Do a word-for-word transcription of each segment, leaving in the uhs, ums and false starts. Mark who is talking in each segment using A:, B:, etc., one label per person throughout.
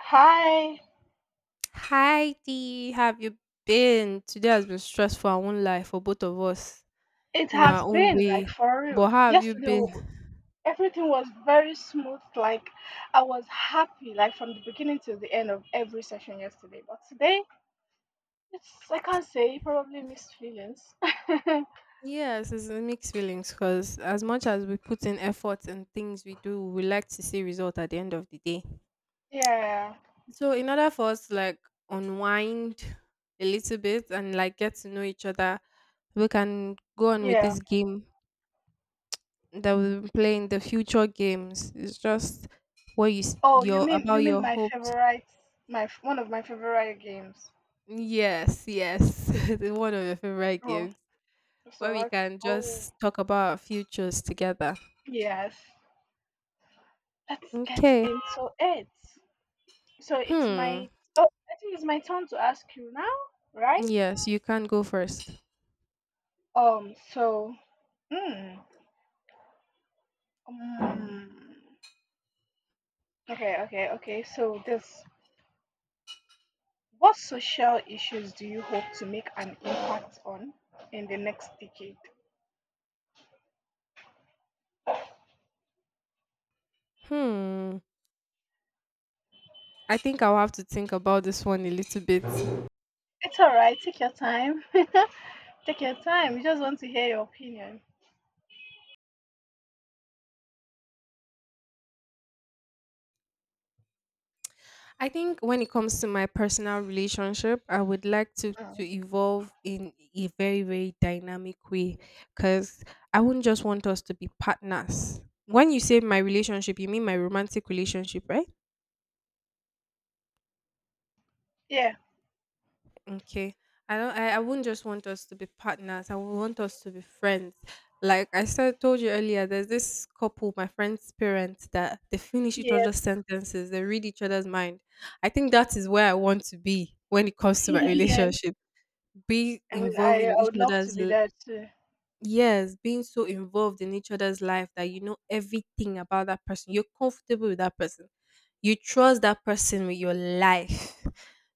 A: Hi,
B: Hi Dee, have you been? Today has been stressful, I won't lie, for both of us
A: it
B: in
A: has
B: our own
A: been, like,
B: way.
A: for
B: But
A: real.
B: how have you
A: Yesterday,
B: been?
A: w- everything was very smooth. Like, I was happy, like from the beginning to the end of every session yesterday. But today, it's I can't say, probably mixed feelings.
B: Yes, it's a mixed feelings because as much as we put in effort and things we do, we like to see result at the end of the day.
A: Yeah,
B: So in order for us to like unwind a little bit and like get to know each other, we can go on with
A: yeah.
B: this game that we'll be playing the future games. It's just what you s-
A: Oh, you
B: your
A: mean you
B: about
A: mean
B: your
A: my
B: hopes.
A: favorite, my f- one of my favorite games.
B: Yes, yes. The one of your favorite
A: Oh,
B: games
A: so
B: where we
A: let's.
B: can
A: Oh,
B: just talk about our futures together.
A: yes. Let's get
B: Okay.
A: into it. So it's my.
B: Hmm.
A: Oh, I think it's my turn to ask you now, right?
B: Yes, you can go first.
A: Um, so, mm, mm, okay, okay, okay. So, this what social issues do you hope to make an impact on in the next decade?
B: Hmm. I think I'll have to think about this one a little bit.
A: It's all right, take your time. Take your time. We just want to hear your opinion.
B: I think when it comes to my personal relationship, I would like to to
A: Mm.
B: evolve in a very very dynamic way cuz I wouldn't just want us to be partners. When you say my relationship, you mean my romantic relationship, right?
A: Yeah.
B: Okay. I don't I, I wouldn't just want us to be partners. I would want us to be friends. Like I said told you earlier, there's this couple, my friend's parents, that they finish each
A: Yes.
B: other's sentences, they read each other's mind. I think that is where I want to be when it comes to my
A: Yes.
B: relationship. Be
A: I mean,
B: involved
A: I,
B: in
A: I
B: each
A: would love to
B: other's.
A: be there too.
B: Yes, being so involved in each other's life that you know everything about that person. You're comfortable with that person. You trust that person with your life.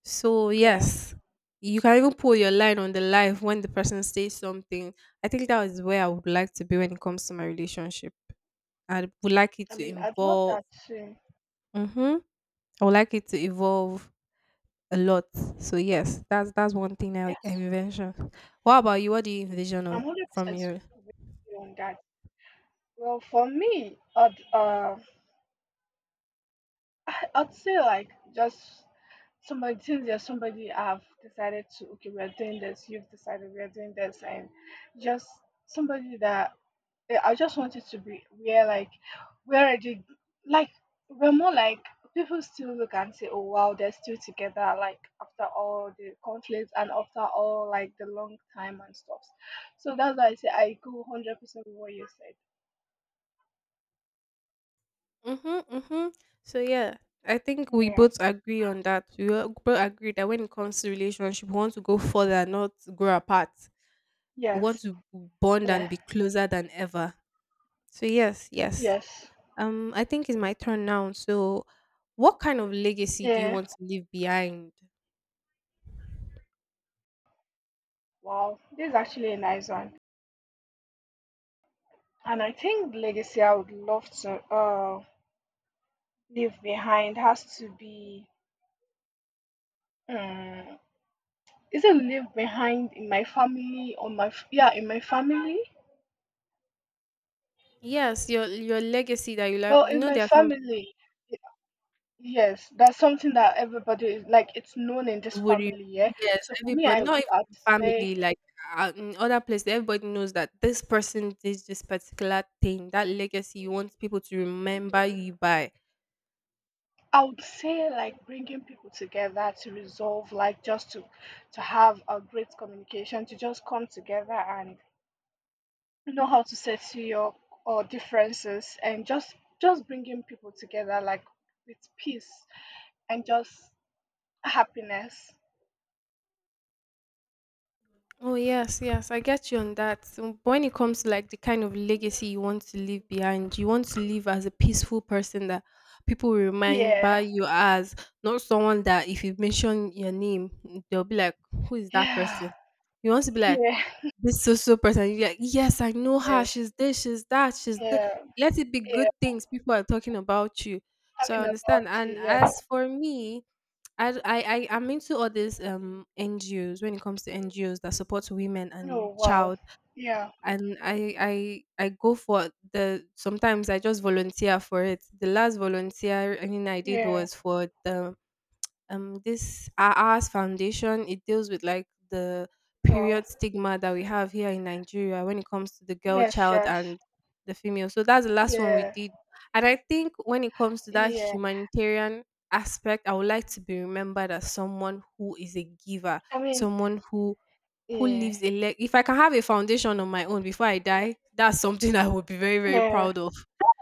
B: So,
A: Yeah,
B: yes, you can even pull your line on the life when the person says something. I think that is where I would like to be when it comes to my relationship. I would like it
A: I
B: to
A: mean, I'd love
B: involve.
A: that too.
B: Mm-hmm. I would like it to evolve a lot. So yes, that's that's one thing I, I
A: Yes,
B: envision. What about you? What do you envision of
A: I'm
B: from
A: one hundred percent
B: your?
A: with you on that. Well, for me, I'd, uh, I'd say, like, just somebody, since there's somebody I've decided to, okay, we're doing this, you've decided we're doing this, and just somebody that, eh, I just want it to be, we're like, we're already, like, we're more like people still look and say, oh wow, they're still together, like after all the conflicts and after all, like, the long time and stuff. So that's why I say I go one hundred percent with what you said.
B: Mhm, mhm. So yeah, I think we
A: Yeah,
B: both agree on that. We all- both agree that when it comes to relationship, we want to go further, not grow apart. We
A: yes,
B: want to bond and
A: yeah,
B: be closer than ever. So yes, yes.
A: yes,
B: Um, I think it's my turn now. So, what kind of legacy do you
A: yeah,
B: want to leave behind?
A: wow, this is actually a nice one. And I think the legacy I would love to, uh, leave behind has to be, um, is it leave behind in my family or my f- yeah, in my family?
B: Yes, your your legacy that you love.
A: Well,
B: You
A: in
B: know,
A: my
B: there are some.
A: family, y- yes, that's something that everybody is like, it's known in this
B: Would you?
A: family, yeah.
B: Yes,
A: So for me,
B: everybody,
A: I would
B: not
A: I'd
B: even
A: say
B: family, like uh, in other places, everybody knows that this person did this particular thing, that legacy you want people to remember you by.
A: I would say, like, bringing people together to resolve, like, just to to have a great communication, to just come together and know how to settle your or differences, and just just bringing people together, like, with peace and just happiness.
B: Oh, yes, yes, I get you on that. So when it comes to like the kind of legacy you want to leave behind, you want to leave as a peaceful person that people remember
A: Yeah,
B: you as, not someone that if you mention your name, they'll be like, who is that
A: yeah,
B: person? You want to be like,
A: yeah,
B: this so so person, you're like, yes, I know her.
A: yes,
B: She's this, she's that, she's this.
A: yeah,
B: Let it be good
A: yeah,
B: things people are talking about you. So I
A: talking about
B: understand. And
A: it, yes.
B: as for me, I I I am into all these um N G Os when it comes to N G Os that support women
A: Oh
B: and
A: wow,
B: child.
A: yeah,
B: And I I I go for the sometimes I just volunteer for it. The last volunteer I mean I did
A: yeah,
B: was for the um this our ours foundation. It deals with like the
A: wow,
B: period stigma that we have here in Nigeria when it comes to the girl
A: yes,
B: child
A: yes,
B: and the female. So that's the last one we
A: yeah,
B: did. And I think when it comes to that
A: yeah,
B: humanitarian aspect, I would like to be remembered as someone who is a giver,
A: I mean,
B: someone who who
A: yeah,
B: leaves a leg. If I can have a foundation on my own before I die, that's something I would be very, very
A: yeah,
B: proud of.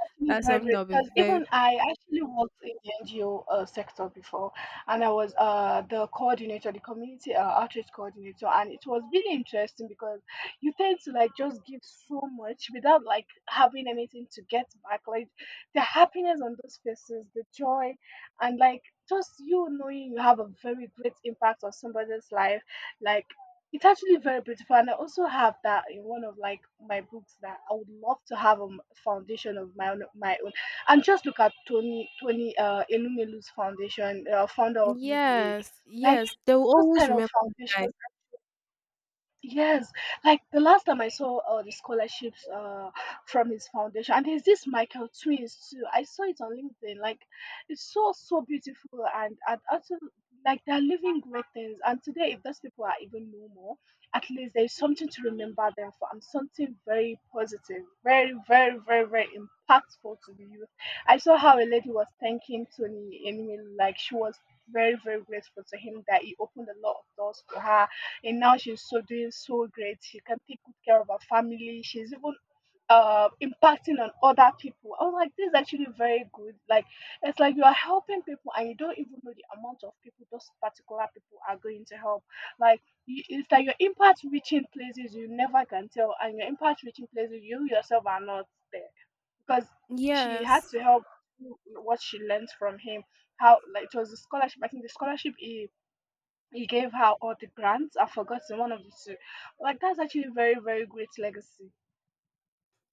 A: actually
B: That's
A: very
B: something
A: great,
B: I'll be
A: because
B: very.
A: even I actually worked in the N G O uh, sector before, and I was, uh, the coordinator, the community uh, outreach coordinator, and it was really interesting because you tend to, like, just give so much without, like, having anything to get back. Like, the happiness on those faces, the joy, and, like, just you knowing you have a very great impact on somebody's life, like, it's actually very beautiful, and I also have that in one of, like, my books, that I would love to have a m- foundation of my own, my own. And just look at Tony Tony uh, Elumelu's foundation, uh, founder of
B: Yes,
A: U B A, like
B: yes. They will
A: those
B: always
A: kind of
B: remember the guy.
A: foundations. Yes, like the last time I saw, uh, the scholarships, uh, from his foundation, and there's this Michael Twins too. I saw it on LinkedIn. Like, it's so so beautiful, and and also, like, they're living great things. And today, if those people are even no more, at least there's something to remember them for, and something very positive, very very very very impactful to the youth. I saw how a lady was thanking Tony, and, like, she was very very grateful to him, that he opened a lot of doors for her, and now she's so doing so great. She can take good care of her family. She's even uh impacting on other people. I was like, this is actually very good. Like, it's like you are helping people and you don't even know the amount of people those particular people are going to help. Like, you, it's like your impact reaching places you never can tell, and your impact reaching places you yourself are not there, because she had
B: Yes.
A: to help do what she learned from him. How, like, it was a scholarship. I think the scholarship is he gave her all the grants. I've forgotten one of the two. Like, that's actually a very, very great legacy.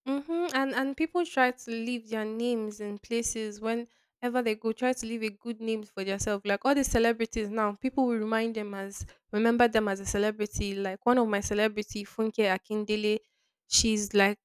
B: Mhm. And and people try to leave their names in places whenever they go. Try to leave a good name for themselves. Like all the celebrities now, people will remind them as remember them as a celebrity. Like one of my celebrity, Funke Akindele, she's like.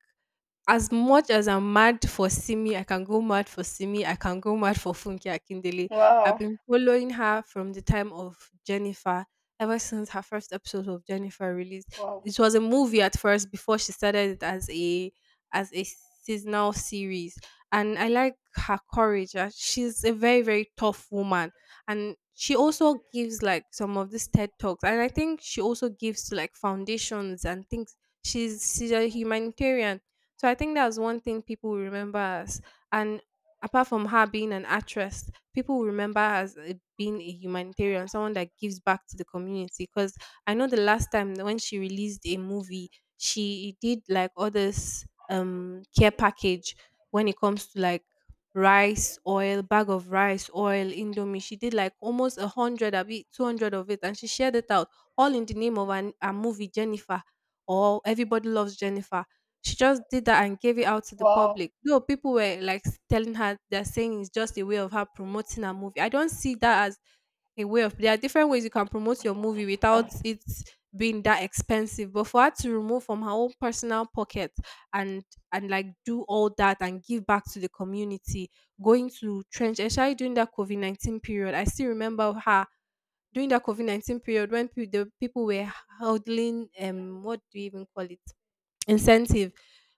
B: As much as I'm mad for Simi, I can go mad for Simi, I can go mad for Funke Akindele. I've
A: Wow.
B: been following her from the time of Jennifer, ever since her first episode of Jennifer released.
A: Wow.
B: It was a movie at first before she started it as a as a seasonal series. And I like her courage. uh, She's a very, very tough woman. And she also gives like some of these TED Talks. And I think she also gives to like foundations and things. She's she's a humanitarian, so I think that's one thing people will remember as. And apart from her being an actress, people will remember her as uh, being a humanitarian, someone that gives back to the community. Because I know the last time when she released a movie, she did like all this um, care package when it comes to like rice, oil, bag of rice, oil, indomie. She did like almost a hundred, a bit two hundred of it, and she shared it out all in the name of an, a movie, Jennifer, or Everybody Loves Jennifer. She just did that and gave it out to the
A: Wow.
B: public. Though people were like s- telling her, they're saying it's just a way of her promoting her movie. I don't see that as a way of. There are different ways you can promote your movie without it being that expensive. But for her to remove from her own personal pocket and and like do all that and give back to the community, going to trench, especially during that COVID nineteen period, I still remember her during that COVID nineteen period when pe- the people were huddling. Um, what do you even call it? Incentive.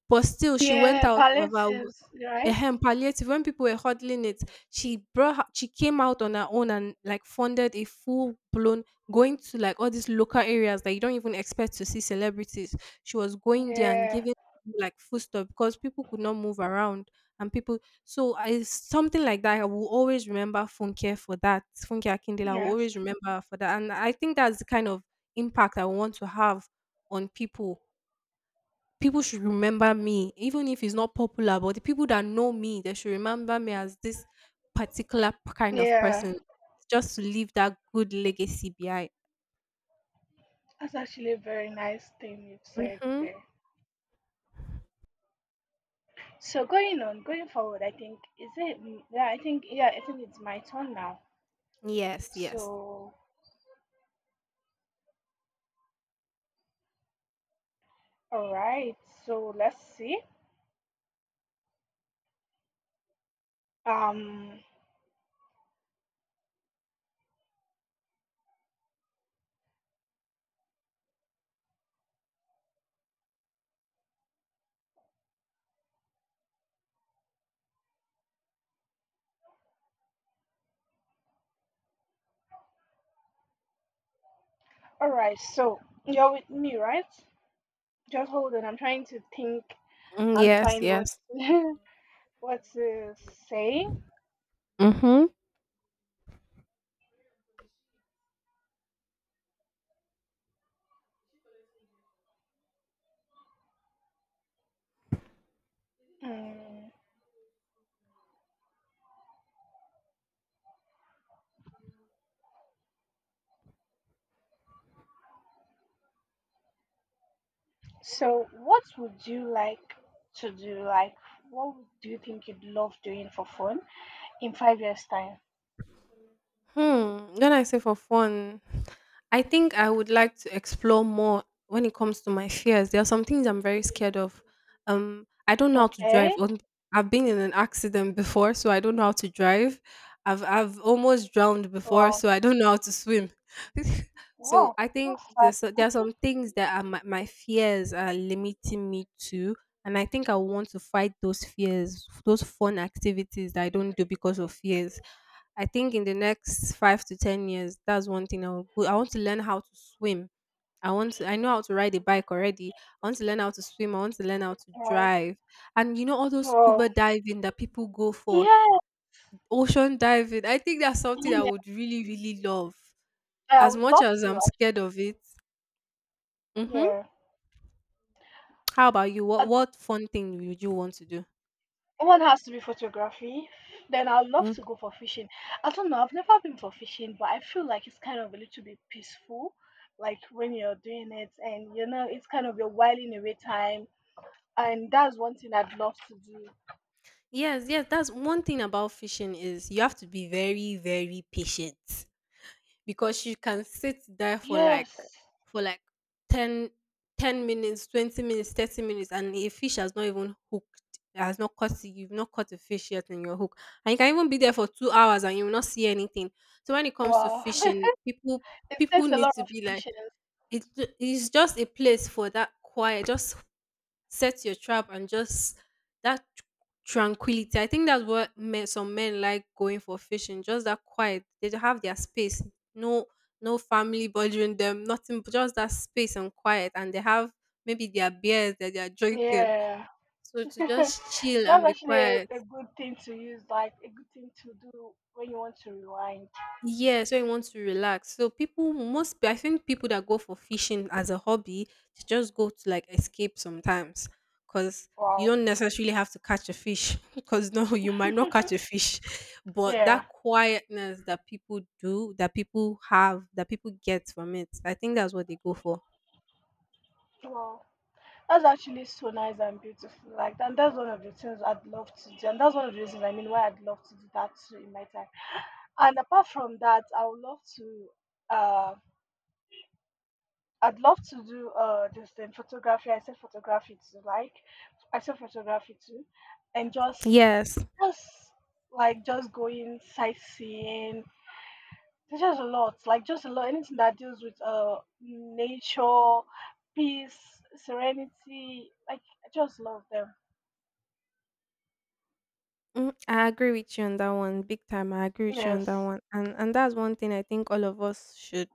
B: But still, she went
A: Yeah,
B: out of her w.
A: palliatives, right?
B: Ahem, palliative. When people were huddling it, she brought her she came out on her own and, like, funded a full-blown going to, like, all these local areas that you don't even expect to see celebrities. She was going there and
A: Yeah.
B: giving, like, foodstuff because people could not move around and people, so I something like that, I will always remember Funke for that. Funke Akindele, I will
A: Yes.
B: always remember her for that, and I think that's the kind of impact I want to have on people. People should remember me, even if it's not popular, but the people that know me, they should remember me as this particular p- kind of
A: Yeah.
B: person, just to leave that good legacy behind.
A: That's actually a very nice thing you've said
B: Hmm.
A: there. So going on, going forward, I think is it m- yeah, I think, yeah, I think it's my turn now.
B: Yes, yes.
A: So, all right. So let's see. Um all right, so you're with me, right? Just hold on. I'm trying to think
B: Mm,
A: and
B: yes,
A: find what's
B: yes.
A: what's, uh, saying.
B: Mm-hmm.
A: Mm. So, what would you like to do? Like, what would- do you think you'd love doing for fun in five years' time?
B: Hmm. When I say for fun, I think I would like to explore more when it comes to my fears. There are some things I'm very scared of. Um, I don't know how to drive.
A: Okay.
B: Um, I've been in an accident before, so I don't know how to drive. I've I've almost drowned before,
A: Wow.
B: so I don't know how to swim. So
A: Wow.
B: I think
A: That's sad.
B: there's so- there are some things that are my, my fears are limiting me to, and I think I want to fight those fears, those fun activities that I don't do because of fears. I think in the next five to ten years, that's one thing I'll go. I want to learn how to swim. I want to, I know how to ride a bike already. I want to learn how to swim. I want to learn how to
A: Wow.
B: drive. And you know, all those
A: Wow.
B: scuba diving that people go for,
A: Yeah.
B: ocean diving. I think that's something I
A: Yeah.
B: would really, really love.
A: I
B: As
A: would
B: much
A: love
B: as
A: to.
B: I'm scared
A: Actually.
B: of it. Mm-hmm.
A: Yeah.
B: How about you?
A: Uh,
B: What what fun thing would you want to do?
A: one has to be photography. Then I'd love
B: Mm.
A: to go for fishing. I don't know, I've never been for fishing, but I feel like it's kind of a little bit peaceful, like when you're doing it and, you know, it's kind of your whiling away time. And that's one thing I'd love to do.
B: Yes, yes. That's one thing about fishing is you have to be very, very patient. Because she can sit there for like
A: Yes.
B: for like ten, ten minutes, twenty minutes, thirty minutes and a fish has not even hooked. Has not caught it- you've not caught a fish yet in your hook. And you can even be there for two hours and you will not see anything. So when it comes to
A: Wow.
B: fishing, people
A: It
B: people
A: takes a
B: need
A: lot
B: to
A: of
B: be like
A: patience.
B: it, it's ju- it's just a place for that quiet, just set your trap and just that tr- tranquility. I think that's what men, some men like going for fishing, just that quiet. They don't have their space, no no family bothering them, nothing, but just that space and quiet. And they have maybe their beers that they are drinking.
A: Yeah.
B: So to just chill
A: That's
B: and be
A: actually a,
B: quiet.
A: a good thing to use, like a good thing to do when you want to rewind.
B: Yeah, so you want to relax. So people most pe- I think people that go for fishing as a hobby they just go to like escape sometimes because you
A: Wow.
B: don't necessarily have to catch a fish because no you might not catch a fish but
A: Yeah.
B: that quietness that people do that people have that people get from it I think that's what they go for.
A: Wow. That's actually so nice and beautiful. Like, and that's one of the things I'd love to do. And that's one of the reasons I mean why I'd love to do that too in my time. And apart from that, I would love to. Uh, I'd love to do, uh, this thing, photography. I said photography too. Like, I said photography too, and just
B: Yes.
A: just like just going sightseeing. There's just a lot, like just a lot. Anything that deals with uh nature, peace, serenity. Like, I just love them.
B: Mm, I agree with you on that one, big time. I agree with you on
A: Yes.
B: that one, and and that's one thing I think all of us should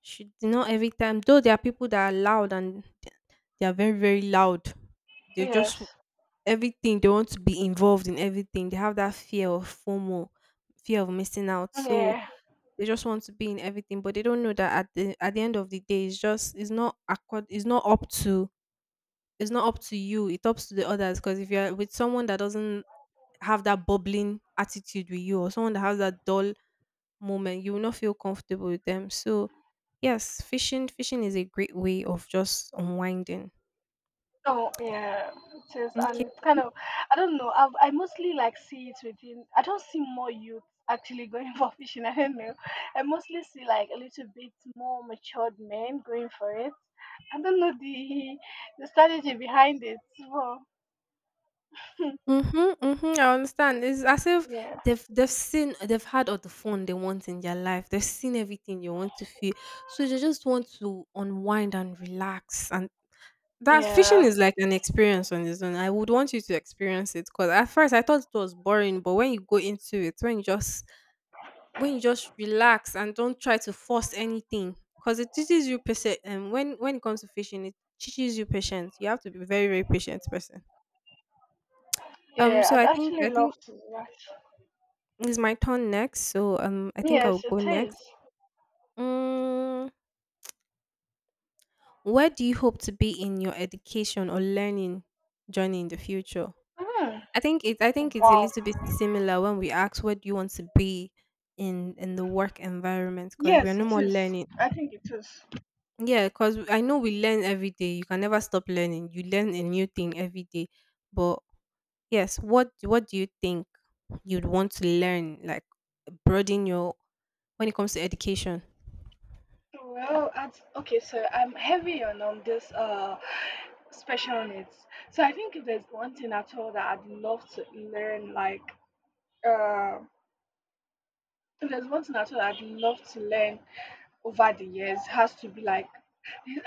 B: should not every time. Though there are people that are loud, and they are very, very loud. They just w-
A: Yes.
B: everything they want to be involved in everything. They have that fear of FOMO, fear of missing out. So
A: Yeah.
B: they just want to be in everything, but they don't know that at the at the end of the day, it's just it's not accord. It's not up to it's not up to you. It's up to the others. Because if you're with someone that doesn't have that bubbling attitude with you, or someone that has that dull moment, you will not feel comfortable with them. So yes, fishing fishing is a great way of just unwinding.
A: Oh, yeah. It is, and
B: Okay.
A: it's kind of, I don't know. I've, I mostly, like, see it within. I don't see more youth actually going for fishing. I don't know. I mostly see, like, a little bit more matured men going for it. I don't know the the strategy behind it. Well,
B: Mhm, mhm, I understand. It's as if
A: yeah,
B: they've they've seen they've had all the fun they want in their life. They've seen everything you want to feel. So they just want to unwind and relax. And that fishing
A: yeah,
B: is like an experience on its own. I would want you to experience it because at first I thought it was boring, but when you go into it, when you just when you just relax and don't try to force anything, because it teaches you patience. And when when it comes to fishing, it teaches you patience. You have to be a very, very patient person. Um,
A: yeah.
B: so
A: I'd
B: I think
A: actually
B: I think
A: love to do that.
B: it's my turn next, so um, I think
A: Yes
B: I'll
A: it
B: go
A: is.
B: next. Mm, where do you hope to be in your education or learning journey in the future?
A: Mm.
B: I think it. I think it's a
A: Wow.
B: little bit similar when we ask, what do you want to be in in the work environment? Because we are
A: Yes,
B: no
A: it
B: more
A: is.
B: learning.
A: I think it is.
B: Yeah, because I know we learn every day. You can never stop learning. You learn a new thing every day. But yes, what what do you think you'd want to learn? Like broaden your, when it comes to education.
A: Well, that's okay. So, I'm heavy on on this, uh special needs. So I think if there's one thing at all that I'd love to learn, like, uh if there's one thing at all I'd love to learn over the years, has to be, like,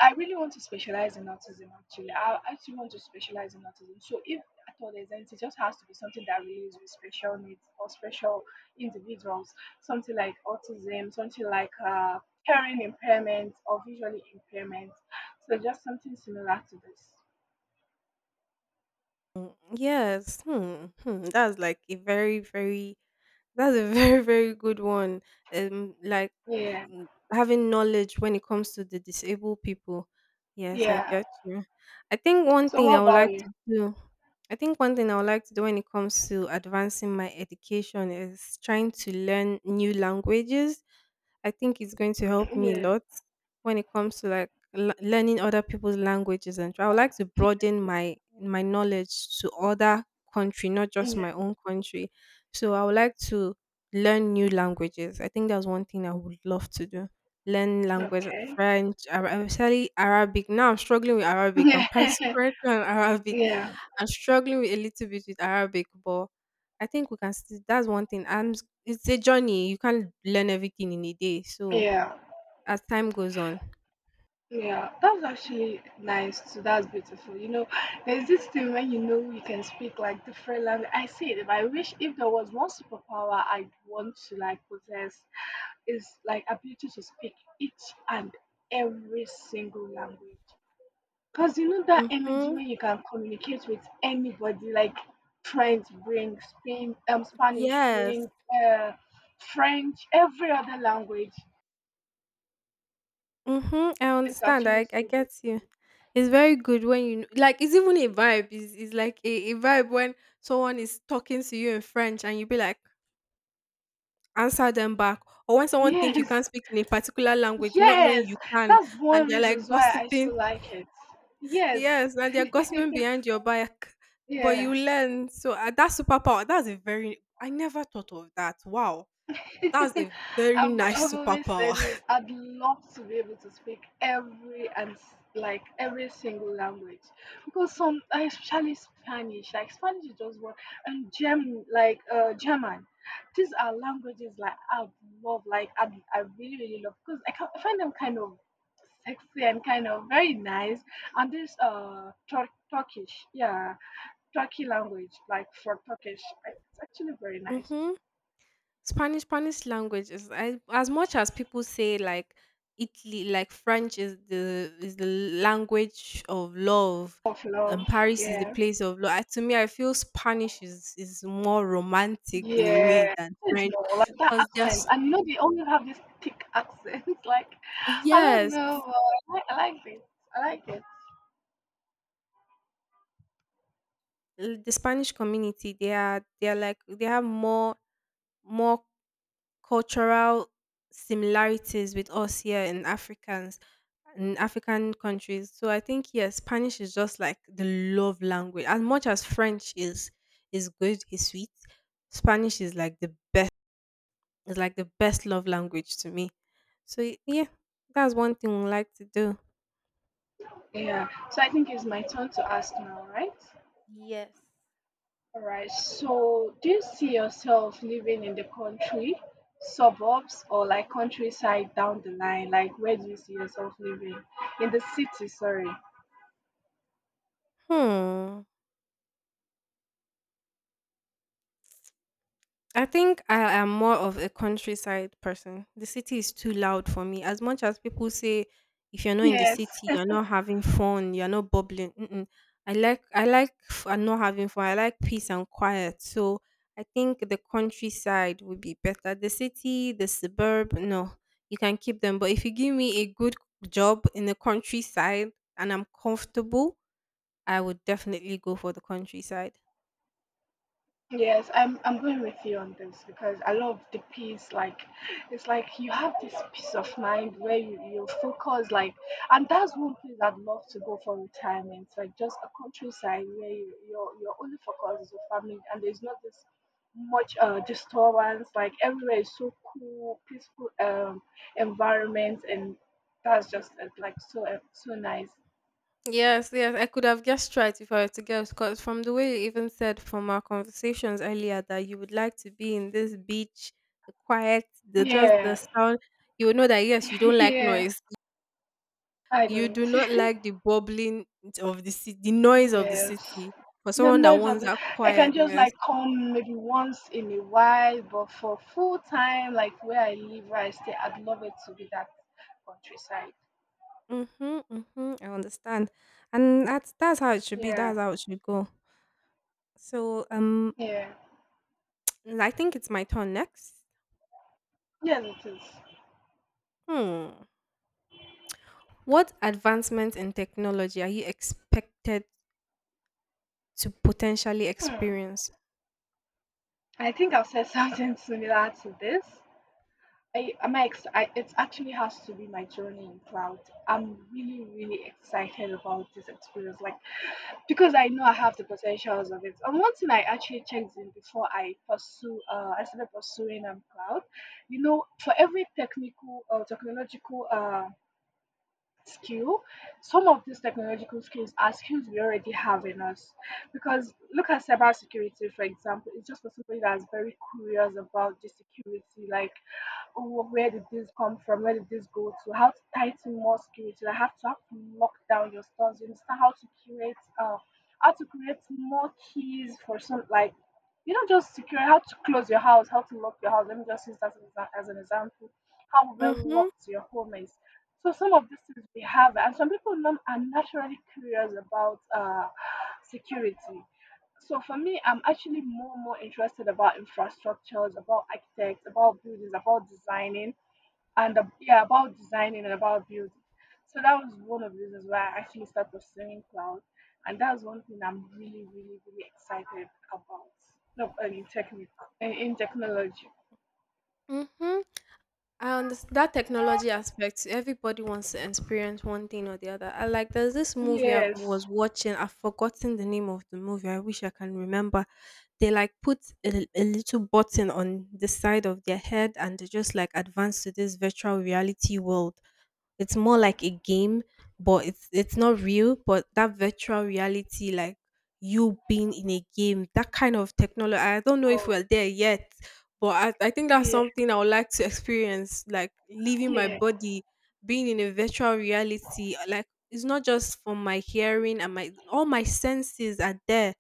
A: I really want to specialize in autism, actually. I actually want to specialize in autism. So if at all there's anything, it just has to be something that relates with special needs or special individuals. Something like autism, something like, uh, hearing impairment or visually impairment. So just something similar to this.
B: Mm, Yes. hmm, hmm. That's like a very, very that's a very, very good one. Um, like,
A: Yeah.
B: mm, having knowledge when it comes to the disabled people. Yes, I
A: Yeah.
B: get you. I think one
A: So
B: thing
A: what
B: I would
A: about
B: like
A: you?
B: to do, I think one thing I would like to do when it comes to advancing my education is trying to learn new languages. I think it's going to help me a
A: Yeah.
B: lot when it comes to like l- learning other people's languages, and I would like to broaden my my knowledge to other country, not just
A: Yeah.
B: my own country. So I would like to learn new languages. I think that's one thing I would love to do. Learn language
A: Okay.
B: French, Ara- especially Arabic. Now I'm struggling with Arabic. I'm
A: Yeah.
B: practicing on Arabic.
A: Yeah.
B: I'm struggling with a little bit with Arabic, but I think we can. Still, that's one thing. And it's a journey. You can't learn everything in a day. So
A: Yeah.
B: as time goes on.
A: Yeah, that's actually nice too. That's beautiful. You know, there's this thing when you know you can speak, like, different language. I see it. If I wish, if there was one superpower I'd want to, like, possess, is like ability to speak each and every single language. Cause you know that energy
B: Mm-hmm.
A: when you can communicate with anybody, like French bring Spain, um, Spanish
B: Yes.
A: bring, uh, French, every other language.
B: Mhm. I
A: It's
B: understand.
A: actually
B: I I
A: so
B: get you.
A: beautiful.
B: It's very good when you like. It's even a vibe. It's, it's like a, a vibe when someone is talking to you in French and you be like answer them back, or when someone think you
A: Yes.
B: can't speak in a particular language, not knowing
A: Yes,
B: you can,
A: that's
B: and
A: one
B: they're
A: reason
B: like
A: why I so
B: gossiping.
A: like it. Yes,
B: Yes, and they're gossiping behind your back, but
A: yeah.
B: you learn. So uh, that superpower. That's a very. I never thought of that. Wow, that's a very
A: I've,
B: nice
A: I've always said
B: superpower.
A: it. I'd love to be able to speak every and s- like every single language, because some, like, especially Spanish, like Spanish is just one, and German, like, uh, German. These are languages like I love, like I, I really really love, because I, can, I find them kind of sexy and kind of very nice. And this uh Tur- Turkish, yeah. Turkey language, like for Turkish, I- it's actually very nice too.
B: Mm-hmm. Spanish Spanish language is I, as much as people say like Italy like French is the is the language of love,
A: Of love,
B: and Paris is the
A: yeah,
B: place of love. To me I feel Spanish is is more romantic in a way
A: yeah.
B: than
A: It's
B: French
A: more like that
B: because
A: accent.
B: there's
A: I know they always have this thick accent. Like, I don't
B: yes
A: know, but I, like, I like it. I like it.
B: l- the Spanish community they are they are like they have more more cultural similarities with us here in Africans in African countries. So I think yes, Spanish is just like the love language. As much as French is is good, is sweet, Spanish is like the is like the best love language to me. So y- yeah, that's one thing we like to do.
A: Yeah. So I think it's my turn to ask now, right?
B: Yes.
A: All right. So, do you see yourself living in the country, suburbs, or like countryside down the line? Like, where do you see yourself living? In the city, sorry.
B: Hmm. I think I am more of a countryside person. The city is too loud for me. As much as people say, if you're not in the
A: Yes.
B: city, you're not having fun, you're not bubbling. Mm-mm. I like I like f- uh, not having fun. I like peace and quiet. So I think the countryside would be better. The city, the suburb, no, you can keep them. But if you give me a good job in the countryside and I'm comfortable, I would definitely go for the countryside.
A: Yes, I'm I'm going with you on this, because I love the peace. Like, it's like you have this peace of mind where you you focus. Like, and that's one place I'd love to go for retirement. Like, just a countryside where you, your your only focus is your family, and there's not this much uh disturbance. Like, everywhere is so cool, peaceful, um environment, and that's just, uh, like, so, uh, so nice.
B: Yes, yes, I could have guessed right if I were to guess, because from the way you even said from our conversations earlier that you would like to be in this beach, the quiet, the just the
A: Yeah,
B: sound, you would know that yes, you don't like
A: yeah.
B: noise.
A: I
B: You
A: don't.
B: do not like the bubbling of the city, the noise of the
A: Yes.
B: city. For
A: The
B: someone that
A: noise of
B: wants
A: the
B: that
A: I can just
B: quietness.
A: like come maybe once in a while, but for full time, like where I live, where I stay, I'd love it to be that countryside.
B: Mm-hmm, mm-hmm, I understand. And that's that's how it should be.
A: Yeah,
B: That's how it should go. So um
A: yeah,
B: I think it's my turn next.
A: yes, it is.
B: Hmm. What advancements in technology are you expected to potentially
A: Hmm.
B: experience?
A: I think I've said something similar to this. I, am I, ex- I, It actually has to be my journey in cloud. I'm really, really excited about this experience. Like because I know I have the potentials of it. And one thing I actually checked in before I pursue, uh, I started pursuing um, cloud, you know, for every technical or technological uh, skill, some of these technological skills are skills we already have in us. Because look at cybersecurity, for example, it's just for somebody that's very curious about the security, like oh, where did this come from? Where did this go to? How to tighten more skills? You have to have to lock down your stores. You understand how to create, uh, how to create more keys for some like, you know, just secure how to close your house, how to lock your house. Let me just use that as, a- as an example. How well
B: Mhm.
A: locked your home is. So some of these things we have, and some people not, are naturally curious about uh, security. So for me, I'm actually more more interested about infrastructures, about architects, about buildings, about designing, and uh, yeah, about designing and about building. So that was one of the reasons why I actually started pursuing cloud, and that's one thing I'm really, really, really excited about. No, uh, in technical, in, in technology.
B: Mhm. I understand that technology aspect. Everybody wants to experience one thing or the other. I like there's this movie I
A: Yes.
B: was watching. I've forgotten the name of the movie. I wish I can remember. They like put a, a little button on the side of their head and they just like advance to this virtual reality world. It's more
A: Oh,
B: like a game, but it's it's not real. But that virtual reality, like you being in a game, that kind of technology. I don't know if
A: oh,
B: we're there yet, but I, I think that's
A: yeah,
B: something I would like to experience, like leaving my
A: yeah,
B: body, being in a virtual reality. Like it's not just for my hearing and my all my senses are there.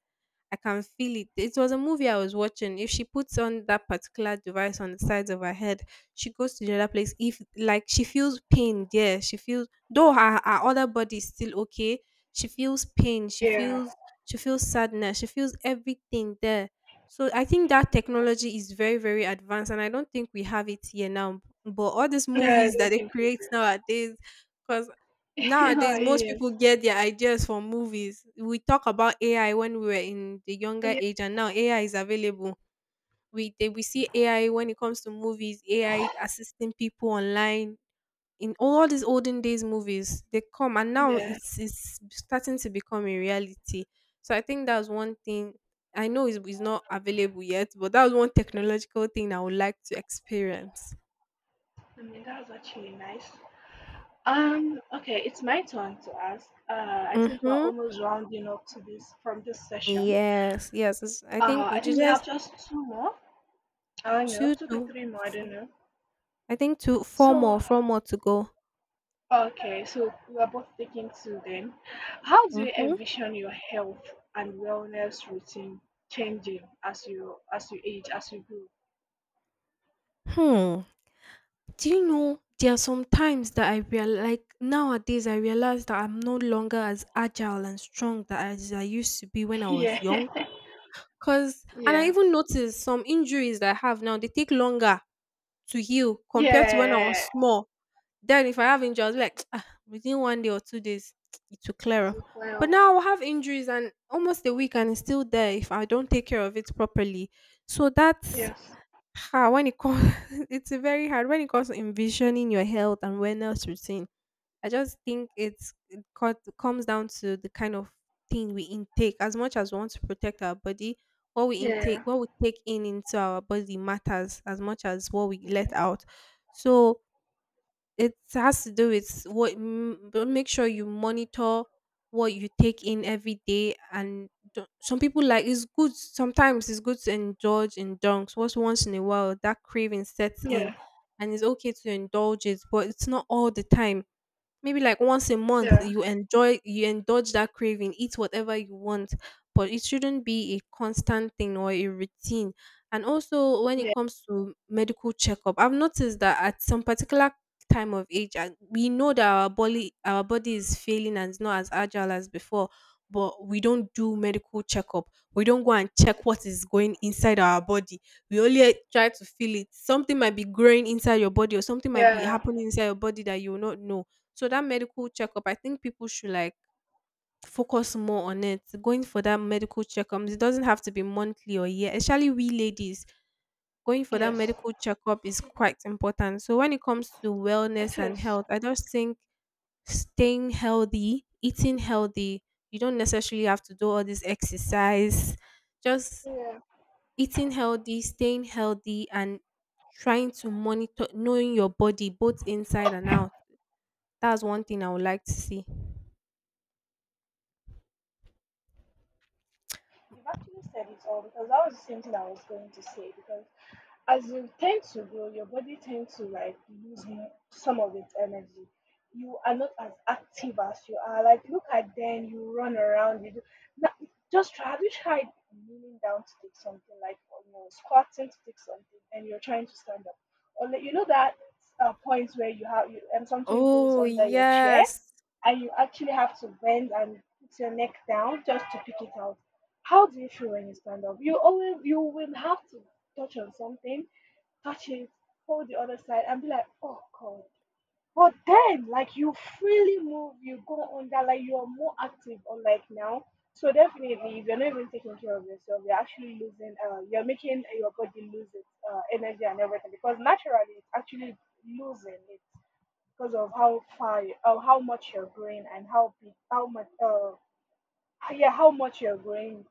B: I can feel it. It was a movie I was watching. If she puts on that particular device on the sides of her head, she goes to the other place. If like she feels pain, yeah, she feels though her, her other body is still okay. She feels pain. She
A: yeah.
B: feels she feels sadness. She feels everything there. So I think that technology is very, very advanced, and I don't think we have it here now. But all these
A: Yeah, I
B: movies that
A: don't
B: they
A: think we
B: create
A: do.
B: nowadays, because
A: Oh,
B: nowadays, most
A: yes.
B: people get their ideas from movies. We talk about A I when we were in the younger
A: Yeah,
B: age, and now A I is available. We they, we see A I when it comes to movies, A I assisting people online. In all these olden days movies, they come, and now
A: yeah.
B: it's it's starting to become a reality. So I think that's one thing. I know it's, it's not available yet, but that was one technological thing I would like to experience.
A: I mean, that was actually nice. Um, okay, it's my turn to ask. Uh, I think we're
B: Mm-hmm.
A: almost rounding up to this from this session.
B: Yes, yes. it's- I
A: Uh,
B: think
A: I
B: would you
A: think we have
B: just
A: just two more. I don't know,
B: two
A: two to
B: to
A: three more, I
B: f-
A: don't know.
B: I think 2 4
A: So,
B: more, 4 more to go.
A: okay, so we are both taking two then. How do you
B: Mhm.
A: envision your health and wellness routine changing as you as you age, as you grow?
B: Hmm. Do you know there are some times that I real like nowadays I realize that I'm no longer as agile and strong that as I used to be when I was young. Cause
A: Yeah,
B: and I
A: yeah,
B: even noticed some injuries that I have now, they take longer to heal compared to when I
A: yeah.
B: was small. Then if I have injuries, I was like, "Ah, within one day or two days, it will clear up."
A: So,
B: But
A: well,
B: now I will have injuries and almost a week and it's still there if I don't take care of it properly. So that's
A: yes,
B: ah, when it comes, it's a very hard when it comes to envisioning your health and wellness routine. I just think it's it co- comes down to the kind of thing we intake. As much as we want to protect our body, what we intake,
A: yeah,
B: what we take in into our body matters as much as what we let
A: yeah,
B: out. So it has to do with what m- but make sure you monitor what you take in every day and don't- Some people like it's good, sometimes it's good to indulge in dunks, once once in a while that craving sets in,
A: yeah,
B: and it's okay to indulge it, but it's not all the time. Maybe like once a month
A: yeah,
B: you enjoy, you indulge that craving, eat whatever you want, but it shouldn't be a constant thing or a routine. And also when it
A: yeah,
B: comes to medical checkup, I've noticed that at some particular time of age, and we know that our body our body is failing and it's not as agile as before, but we don't do medical checkup, we don't go and check what is going inside our body. We only eh, try to feel it. Something might be growing inside your body or something might be
A: yeah,
B: happening inside your body that you will not know. So that medical checkup, I think people should like focus more on it. Going for that medical checkup, it doesn't have to be monthly or year. Especially we ladies, going for that
A: yes.
B: medical checkup is quite important. So when it comes to
A: It
B: wellness and
A: is.
B: health, I just think staying healthy, eating healthy. You don't necessarily have to do all this exercise. Just
A: Yeah,
B: eating healthy, staying healthy, and trying to monitor knowing your body both inside and out. That's one thing I would like to see.
A: you've actually said it all because that was the same thing I was going to say. Because as you tend to grow, your body tends to like lose mo- some of its energy. You are not as active as you are. Like look at them, you run around. You do. Now, just try. Have you tried kneeling down to take something, like or, you know, squatting to take something, and you're trying to stand up, or like, you know that uh, point where you have you, and something goes
B: Oh,
A: under your chair
B: yes.
A: and you actually have to bend and put your neck down just to pick it out. How do you feel when you stand up? You always you will have to touch on something, touch it, hold the other side, and be like, oh god. But then, like you freely move, you go on that, like you are more active, unlike now. So definitely, if you're not even taking care of yourself, you're actually losing. Uh, you're making your body lose its uh, energy and everything because naturally it's actually losing it because of how far, you- of how much you're growing and how big, how much, uh, yeah, how much you're growing,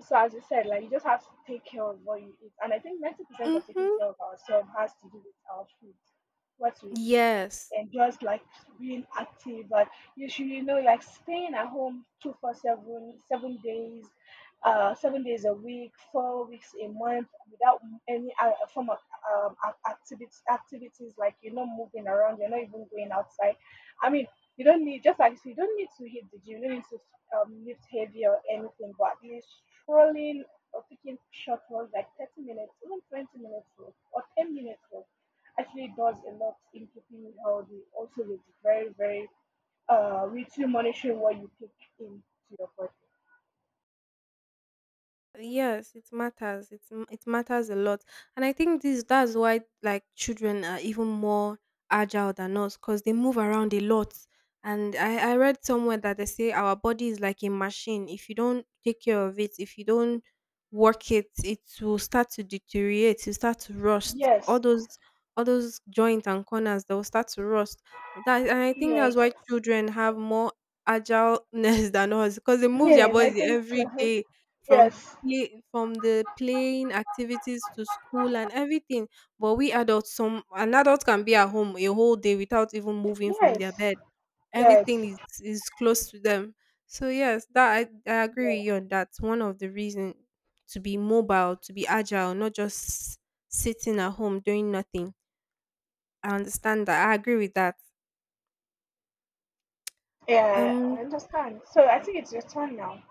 A: so as you said, like you just have to take care of what you eat, and I think ninety percent of taking
B: Mhm.
A: care of ourselves has to do with our food, what we eat,
B: Yes.
A: and just like being active. But you should, you know, like staying at home two for seven, seven days, uh, seven days a week, four weeks a month, without any uh, form of um, activities, activities, like you're not moving around, you're not even going outside. I mean, you don't need, just like you said, you don't need to hit the gym, you don't need to um, lift heavy or anything, but at least strolling or taking short walks like thirty minutes, even twenty minutes walk or ten minutes walk actually does a lot in keeping you healthy. Also, with very, very uh, with you monitoring what you take into your body.
B: Yes, it matters. It's m- it matters a lot, and I think this that's why like children are even more agile than us because they move around a lot. And I I read somewhere that they say our body is like a machine. If you don't take care of it, if you don't work it, it will start to deteriorate. It start to rust.
A: Yes,
B: All those all those joints and corners, they will start to rust. That and I think
A: yes,
B: that's why children have more agileness than us because they move their
A: yes, I
B: body
A: think,
B: every
A: uh
B: day, from
A: Yes,
B: play, from the playing activities to school and everything. But we adults, some an adult can be at home a whole day without even moving from
A: yes,
B: their bed. Everything
A: yes,
B: is is close to them. So yes, that I, I agree with
A: yes.
B: you on that. One of the reason to be mobile, to be agile, not just sitting at home doing nothing. I understand that. I agree with that.
A: Yeah, I
B: Um,
A: understand. So I think it's your turn now.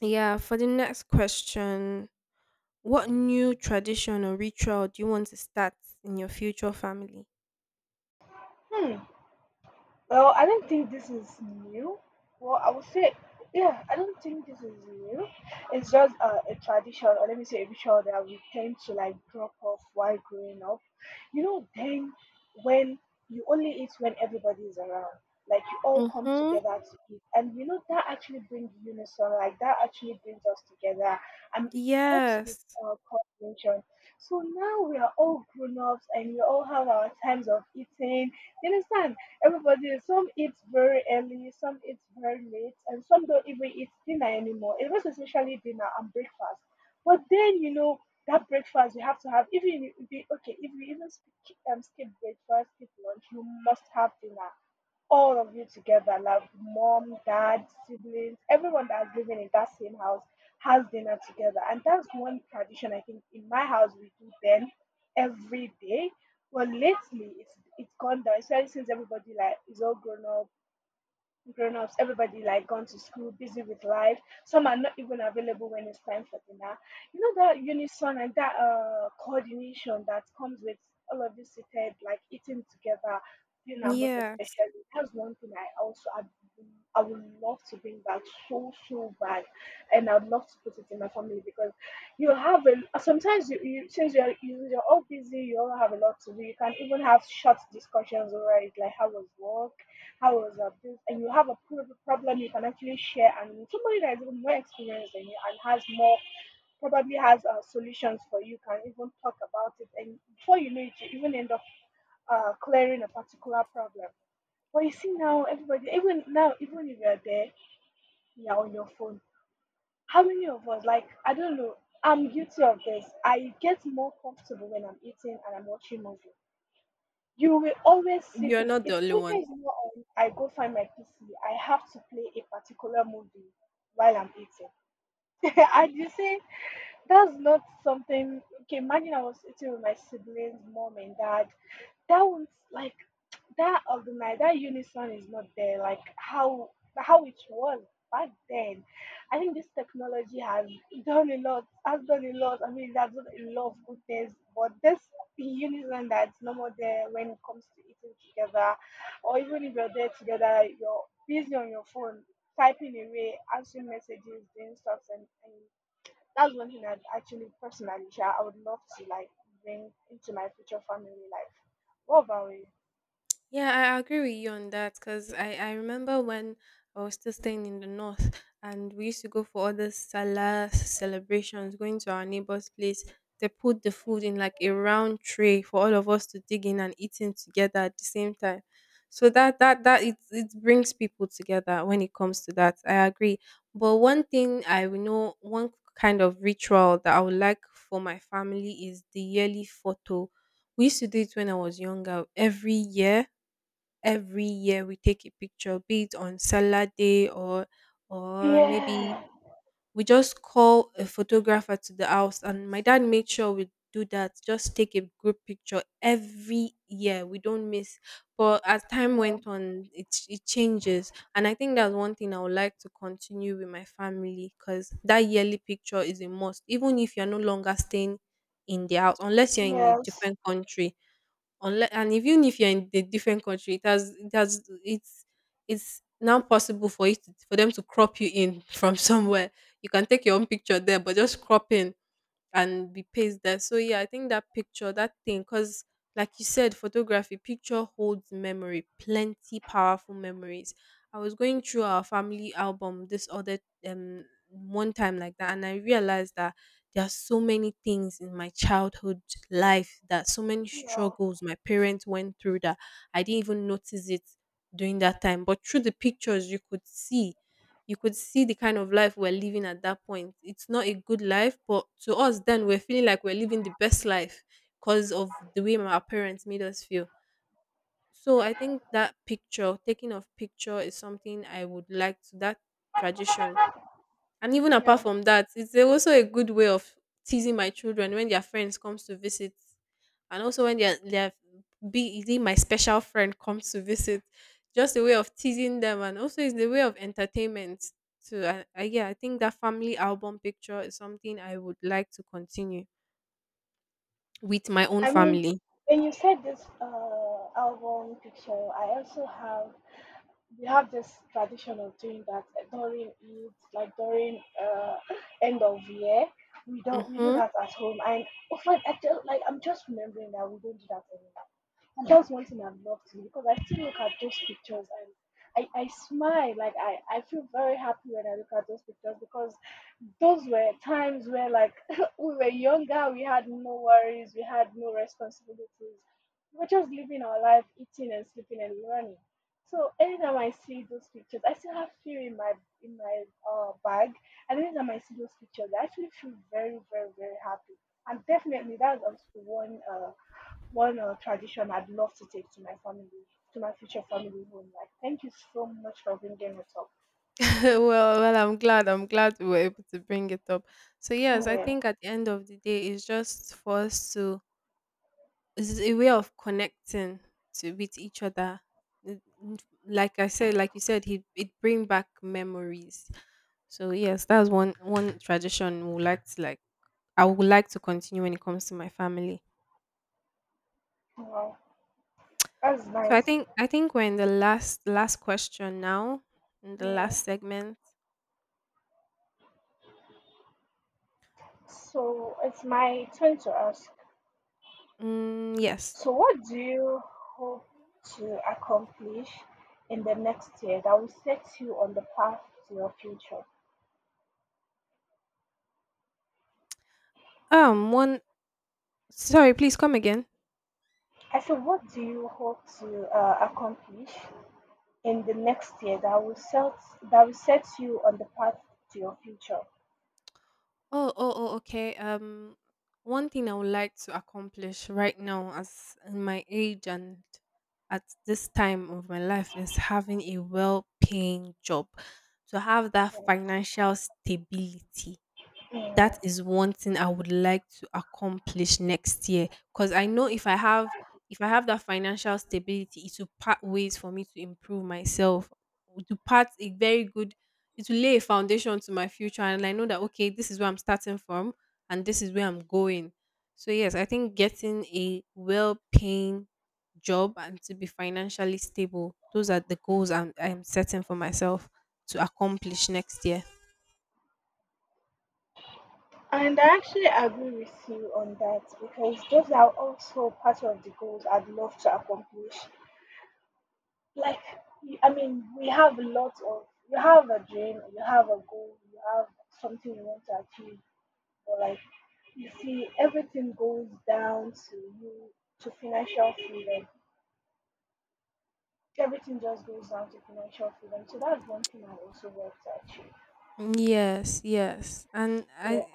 B: yeah. For the next question, what new tradition or ritual do you want to start in your future family?
A: Hmm. Well, I don't think this is new. Well, I would say, yeah, I don't think this is new. It's just a, a tradition, or let me say, a ritual that we tend to like drop off while growing up. You know, then when you only eat when everybody is around, like you all come
B: Mhm.
A: together to eat, and you know that actually brings unison, like that actually brings us together, and it helps with
B: Yes.
A: uh, coordination. So now we are all grown ups, and we all have our times of eating. You understand? Everybody, some eat very early, some eat very late, and some don't even eat dinner anymore. It was especially dinner and breakfast. But then, you know, that breakfast you have to have, even if you, if you- okay, if you even skip, um, skip breakfast, skip lunch, you must have dinner all of you together, like mom, dad, siblings, everyone that's living in that same house has dinner together. And that's one tradition I think in my house we do then every day. But lately it's it's gone down, especially since everybody like is all grown up, grown-ups, everybody like gone to school, busy with life, some are not even available when it's time for dinner. You know that unison and that uh coordination that comes with all of you seated like eating together, dinner most
B: Yes.
A: especially, that's one thing I also i, I would love to bring back so so bad, and I'd love to put it in my family, because you have a sometimes you, you since you're you- you're all busy, you all have a lot to do, you can even have short discussions over it like how was work, hours of this, and you have a pro- problem you can actually share, and with somebody that is even more experienced than you and has more probably has uh, solutions for, you can even talk about it, and before you know it you even end up uh, clearing a particular problem. But you see now, everybody, even now, even if you're there, you're on your phone. How many of us, like, I don't know, I'm guilty of this. I get more comfortable when I'm eating and I'm watching movies. You will always see,
B: You're
A: if,
B: not
A: if
B: the only
A: T V
B: one.
A: is not on, I go find my P C. I have to play a particular movie while I'm eating. And you see, that's not something. Okay, imagine I was eating with my siblings, mom and dad, that was like, that of organize, that unison is not there, like how how it was back then. I think this technology has done a lot, has done a lot, I mean, that's done a lot of good things, but this unison that's no more there when it comes to eating together, or even if you're there together you're busy on your phone typing away, answering messages, doing stuff, and, and that's one thing I'd actually personally share. I would love to like bring into my future family life. What about you?
B: Yeah, I agree with you on that because I, I remember when I was still staying in the north, and we used to go for all the salah celebrations, going to our neighbor's place. They put the food in like a round tray for all of us to dig in and eating together at the same time. So that that that it it brings people together when it comes to that. I agree. But one thing I will know, one kind of ritual that I would like for my family, is the yearly photo. We used to do it when I was younger every year. Every year we take a picture, be it on salad day or or maybe
A: Yeah.
B: we just call a photographer to the house, and my dad made sure we do that. Just take a group picture every year. We don't miss. But as time
A: Yeah.
B: went on, it it changes. And I think that's one thing I would like to continue with my family, because that yearly picture is a must. Even if you're no longer staying in the house, unless you're in a
A: Yes.
B: different country. Unless, and even if you're in a different country, it has it has it's it's now possible for it for them to crop you in from somewhere. You can take your own picture there, but just crop in and be placed there. So yeah, I think that picture, that thing, because like you said, photography picture holds memory, plenty powerful memories. I was going through our family album this other um one time like that, and I realized that there are so many things in my childhood life, that so many
A: Yeah.
B: struggles my parents went through that I didn't even notice it during that time. But through the pictures, you could see you could see the kind of life we're living at that point. It's not a good life, but to us then, we're feeling like we're living the best life because of the way our parents made us feel. So I think that picture, taking of picture, is something I would like to, that tradition. And even apart
A: Yeah.
B: from that, it's also a good way of teasing my children when their friends comes to visit, and also when they're they're be is it my special friend comes to visit, just a way of teasing them, and also it's the way of entertainment. So I, I yeah, I think that family album picture is something I would like to continue with my own
A: I mean,
B: family.
A: when you said this uh, album picture, I also have we have this tradition of doing that eh, during Eid, like during uh, end of year. We don't we do
B: Mm-hmm.
A: that at home, and often I just like I'm just remembering that we don't do that anymore. And that's one thing I've loved too, because I still look at those pictures and I, I smile. Like I, I feel very happy when I look at those pictures because those were times where like we were younger, we had no worries, we had no responsibilities. We were just living our life, eating and sleeping and running. So anytime I see those pictures, I still have fear in my in my uh, bag. And anytime I see those pictures, I actually feel very, very, very happy. And definitely, that's also one. Uh, one uh, tradition I'd love to take to my family, to my future family home. Like, thank you so much for bringing it up.
B: well, well, I'm glad. I'm glad we were able to bring it up. So yes, I
A: Yeah,
B: think at the end of the day, it's just for us to. It's a way of connecting to with each other. N- n- Like I said, like you said, it it bring back memories. So yes, that's one one tradition we would like to like I would like to continue when it comes to my family.
A: wow, that's
B: So I
A: nice.
B: think I think we're in the last last question now, in the
A: Yeah.
B: last segment.
A: So it's my turn to ask.
B: Mm, yes.
A: So, what do you hope to accomplish in the next year that will set you on the path to your future?
B: Um one sorry, please come again.
A: I said, what do you hope to uh, accomplish in the next year that will set that will set you on the path to your future?
B: Oh oh oh okay. Um one thing I would like to accomplish right now, as in my age and at this time of my life, is having a well paying job. To have that
A: Right.
B: financial stability.
A: Yeah.
B: That is one thing I would like to accomplish next year, because I know if I have, if I have that financial stability, it will part ways for me to improve myself. It will part a very good, it will lay a foundation to my future, and I know that okay, this is where I'm starting from and this is where I'm going. So yes, I think getting a well paying job and to be financially stable, those are the goals I'm I'm setting for myself to accomplish next year.
A: And I actually agree with you on that because those are also part of the goals I'd love to accomplish. Like, y- I mean, we have lots of, you have a dream, you have a goal, you have something you want to achieve, but like, you see, everything goes down to you, to financial freedom. Everything just goes down to financial freedom. So that's one thing I also love to achieve.
B: Yes, yes. And
A: Yeah.
B: I.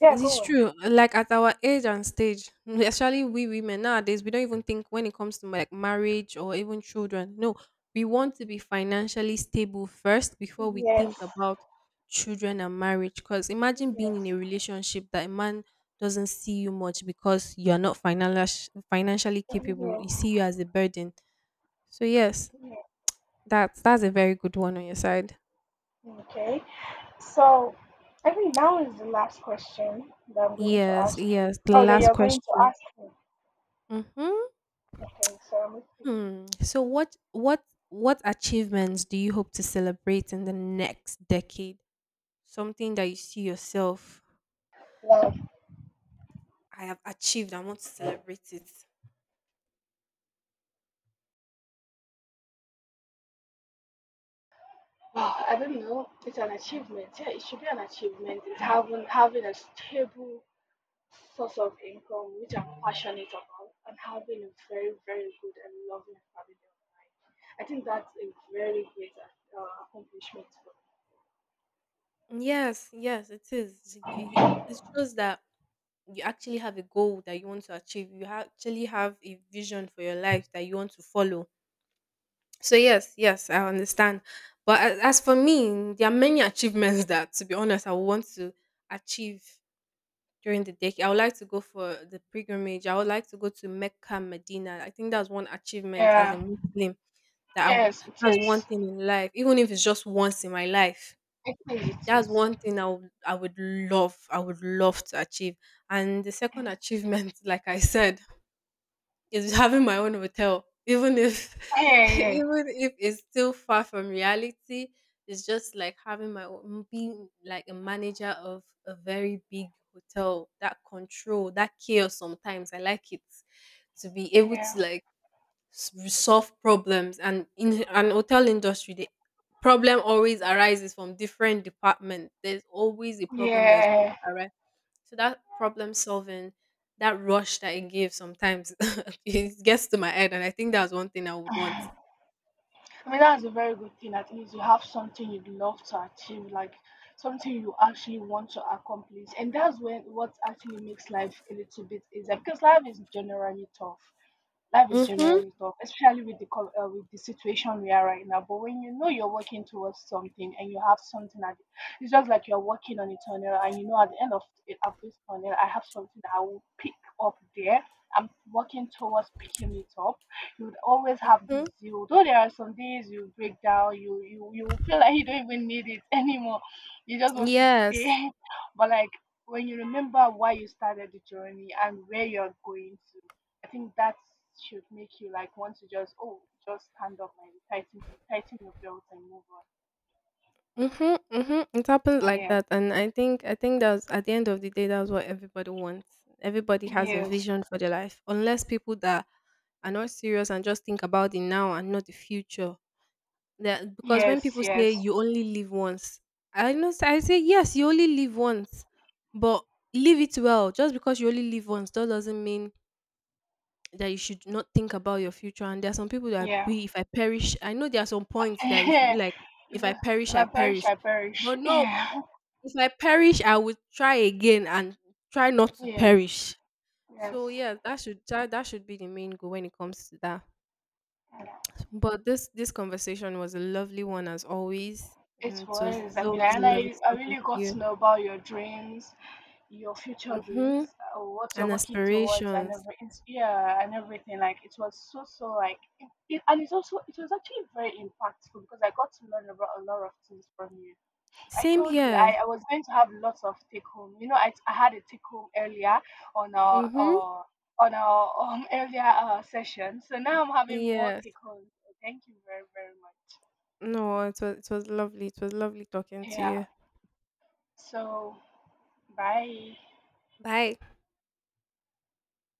A: Yeah,
B: It's
A: go on.
B: true. Like at our age and stage, especially we women nowadays, we don't even think when it comes to like marriage or even children. No, we want to be financially stable first before we
A: Yes.
B: think about children and marriage. Because imagine being
A: Yes.
B: in a relationship that a man doesn't see you much because you're not financially financially capable. He
A: Yes.
B: see you as a burden. So yes,
A: Yeah.
B: that's that's a very good one on your side.
A: Okay. So I think now is the last question that I'm going to
B: Yes,
A: ask you.
B: yes. The
A: Oh, that
B: last
A: you're going to
B: question.
A: ask me.
B: Mm-hmm.
A: Okay, so I'm going to
B: Hmm. So what what what achievements do you hope to celebrate in the next decade? Something that you see yourself,
A: love.
B: I have achieved. I want to celebrate it.
A: Wow, I don't know. It's an achievement. Yeah, it should be an achievement. It's having having a stable source of income, which I'm passionate about, and having a very, very good and loving family of mine. I think that's a very great uh, accomplishment for me.
B: Yes, yes, it is. You- you- It shows that you actually have a goal that you want to achieve. You ha- actually have a vision for your life that you want to follow. So yes, yes, I understand. But a- as for me, there are many achievements that, to be honest, I would want to achieve during the decade. I would like to go for the pilgrimage. I would like to go to Mecca, Medina. I think that's one achievement as a
A: Yeah.
B: Muslim that I would.
A: Yes, it
B: That's one
A: is.
B: thing in life, even if it's just once in my life.
A: Yes, it
B: That's
A: is.
B: one thing I would I would love I would love to achieve. And the second achievement, like I said, is having my own hotel, even if
A: Yeah, yeah,
B: even if it's still far from reality. It's just like having my own, being like a manager of a very big hotel. That control, that chaos. Sometimes I like it, to be able
A: yeah,
B: to like s- solve problems. And in an hotel industry, the problem always arises from different departments. There's always a problem that's going
A: yeah.
B: to arise, so that problem solving, that rush that it gives sometimes, it gets to my head, and I think that's one thing I would want.
A: I mean, that's a very good thing. At least you have something you'd love to achieve, like something you actually want to accomplish. And that's when what actually makes life a little bit easier, because life is generally tough life is
B: Mhm.
A: generally tough, especially with the co- uh, with the situation we are right now. But when you know you're working towards something and you have something, at, it's just like you're working on a tunnel, and you know at the end of it, of this tunnel, I have something that I will pick up there. I'm working towards picking it up. You would always have this
B: Mhm.
A: zeal. Though there are some days you break down, you you you will feel like you don't even need it anymore. You just want to
B: Yes.
A: stay. But like when you remember why you started the journey and where you're going to, I think that should make you like want to just, oh, just stand up and tighten tighten your belt and move on.
B: Mhm. Mhm. It happens like
A: Yeah.
B: that, and I think I think that's at the end of the day, that's what everybody wants. Everybody has a
A: Yes.
B: vision for their life, unless people that are not serious and just think about the now and not the future. That because
A: Yes.
B: when people say you only live once, I know s- I say yes, you only live once, but live it well. Just because you only live once, that doesn't mean that you should not think about your future. And there are some people that
A: Yeah.
B: be if I perish, I know there are some points that if you be
A: Yeah.
B: like, if I perish, I
A: Yeah.
B: perish. But no,
A: Yeah.
B: if I perish, I will try again and try not to
A: Yeah.
B: perish.
A: Yes.
B: So yeah, that should that, that should be the main goal when it comes to that.
A: Yeah.
B: But this this conversation was a lovely one as always. And
A: It
B: it
A: was.
B: it's
A: I mean,
B: always
A: and
B: lovely
A: I, I
B: talking
A: really
B: to
A: got
B: you.
A: to know about your dreams, your future
B: Mm-hmm.
A: dreams, uh, what you're
B: And
A: working towards, and
B: aspirations.
A: everything. Yeah, and everything. Like it was so so like, it, it, and it's also it was actually very impactful because I got to learn about a lot of things from you. I
B: Same
A: told you
B: here.
A: I, I was going to have lots of take home. You know, I, I had a take home earlier on our
B: Mm-hmm.
A: uh, on our um, earlier uh, session. So now I'm having more
B: Yes.
A: take home. Thank you very very much.
B: No, it was it was lovely. It was lovely talking to
A: Yeah.
B: you.
A: So bye.
B: Bye.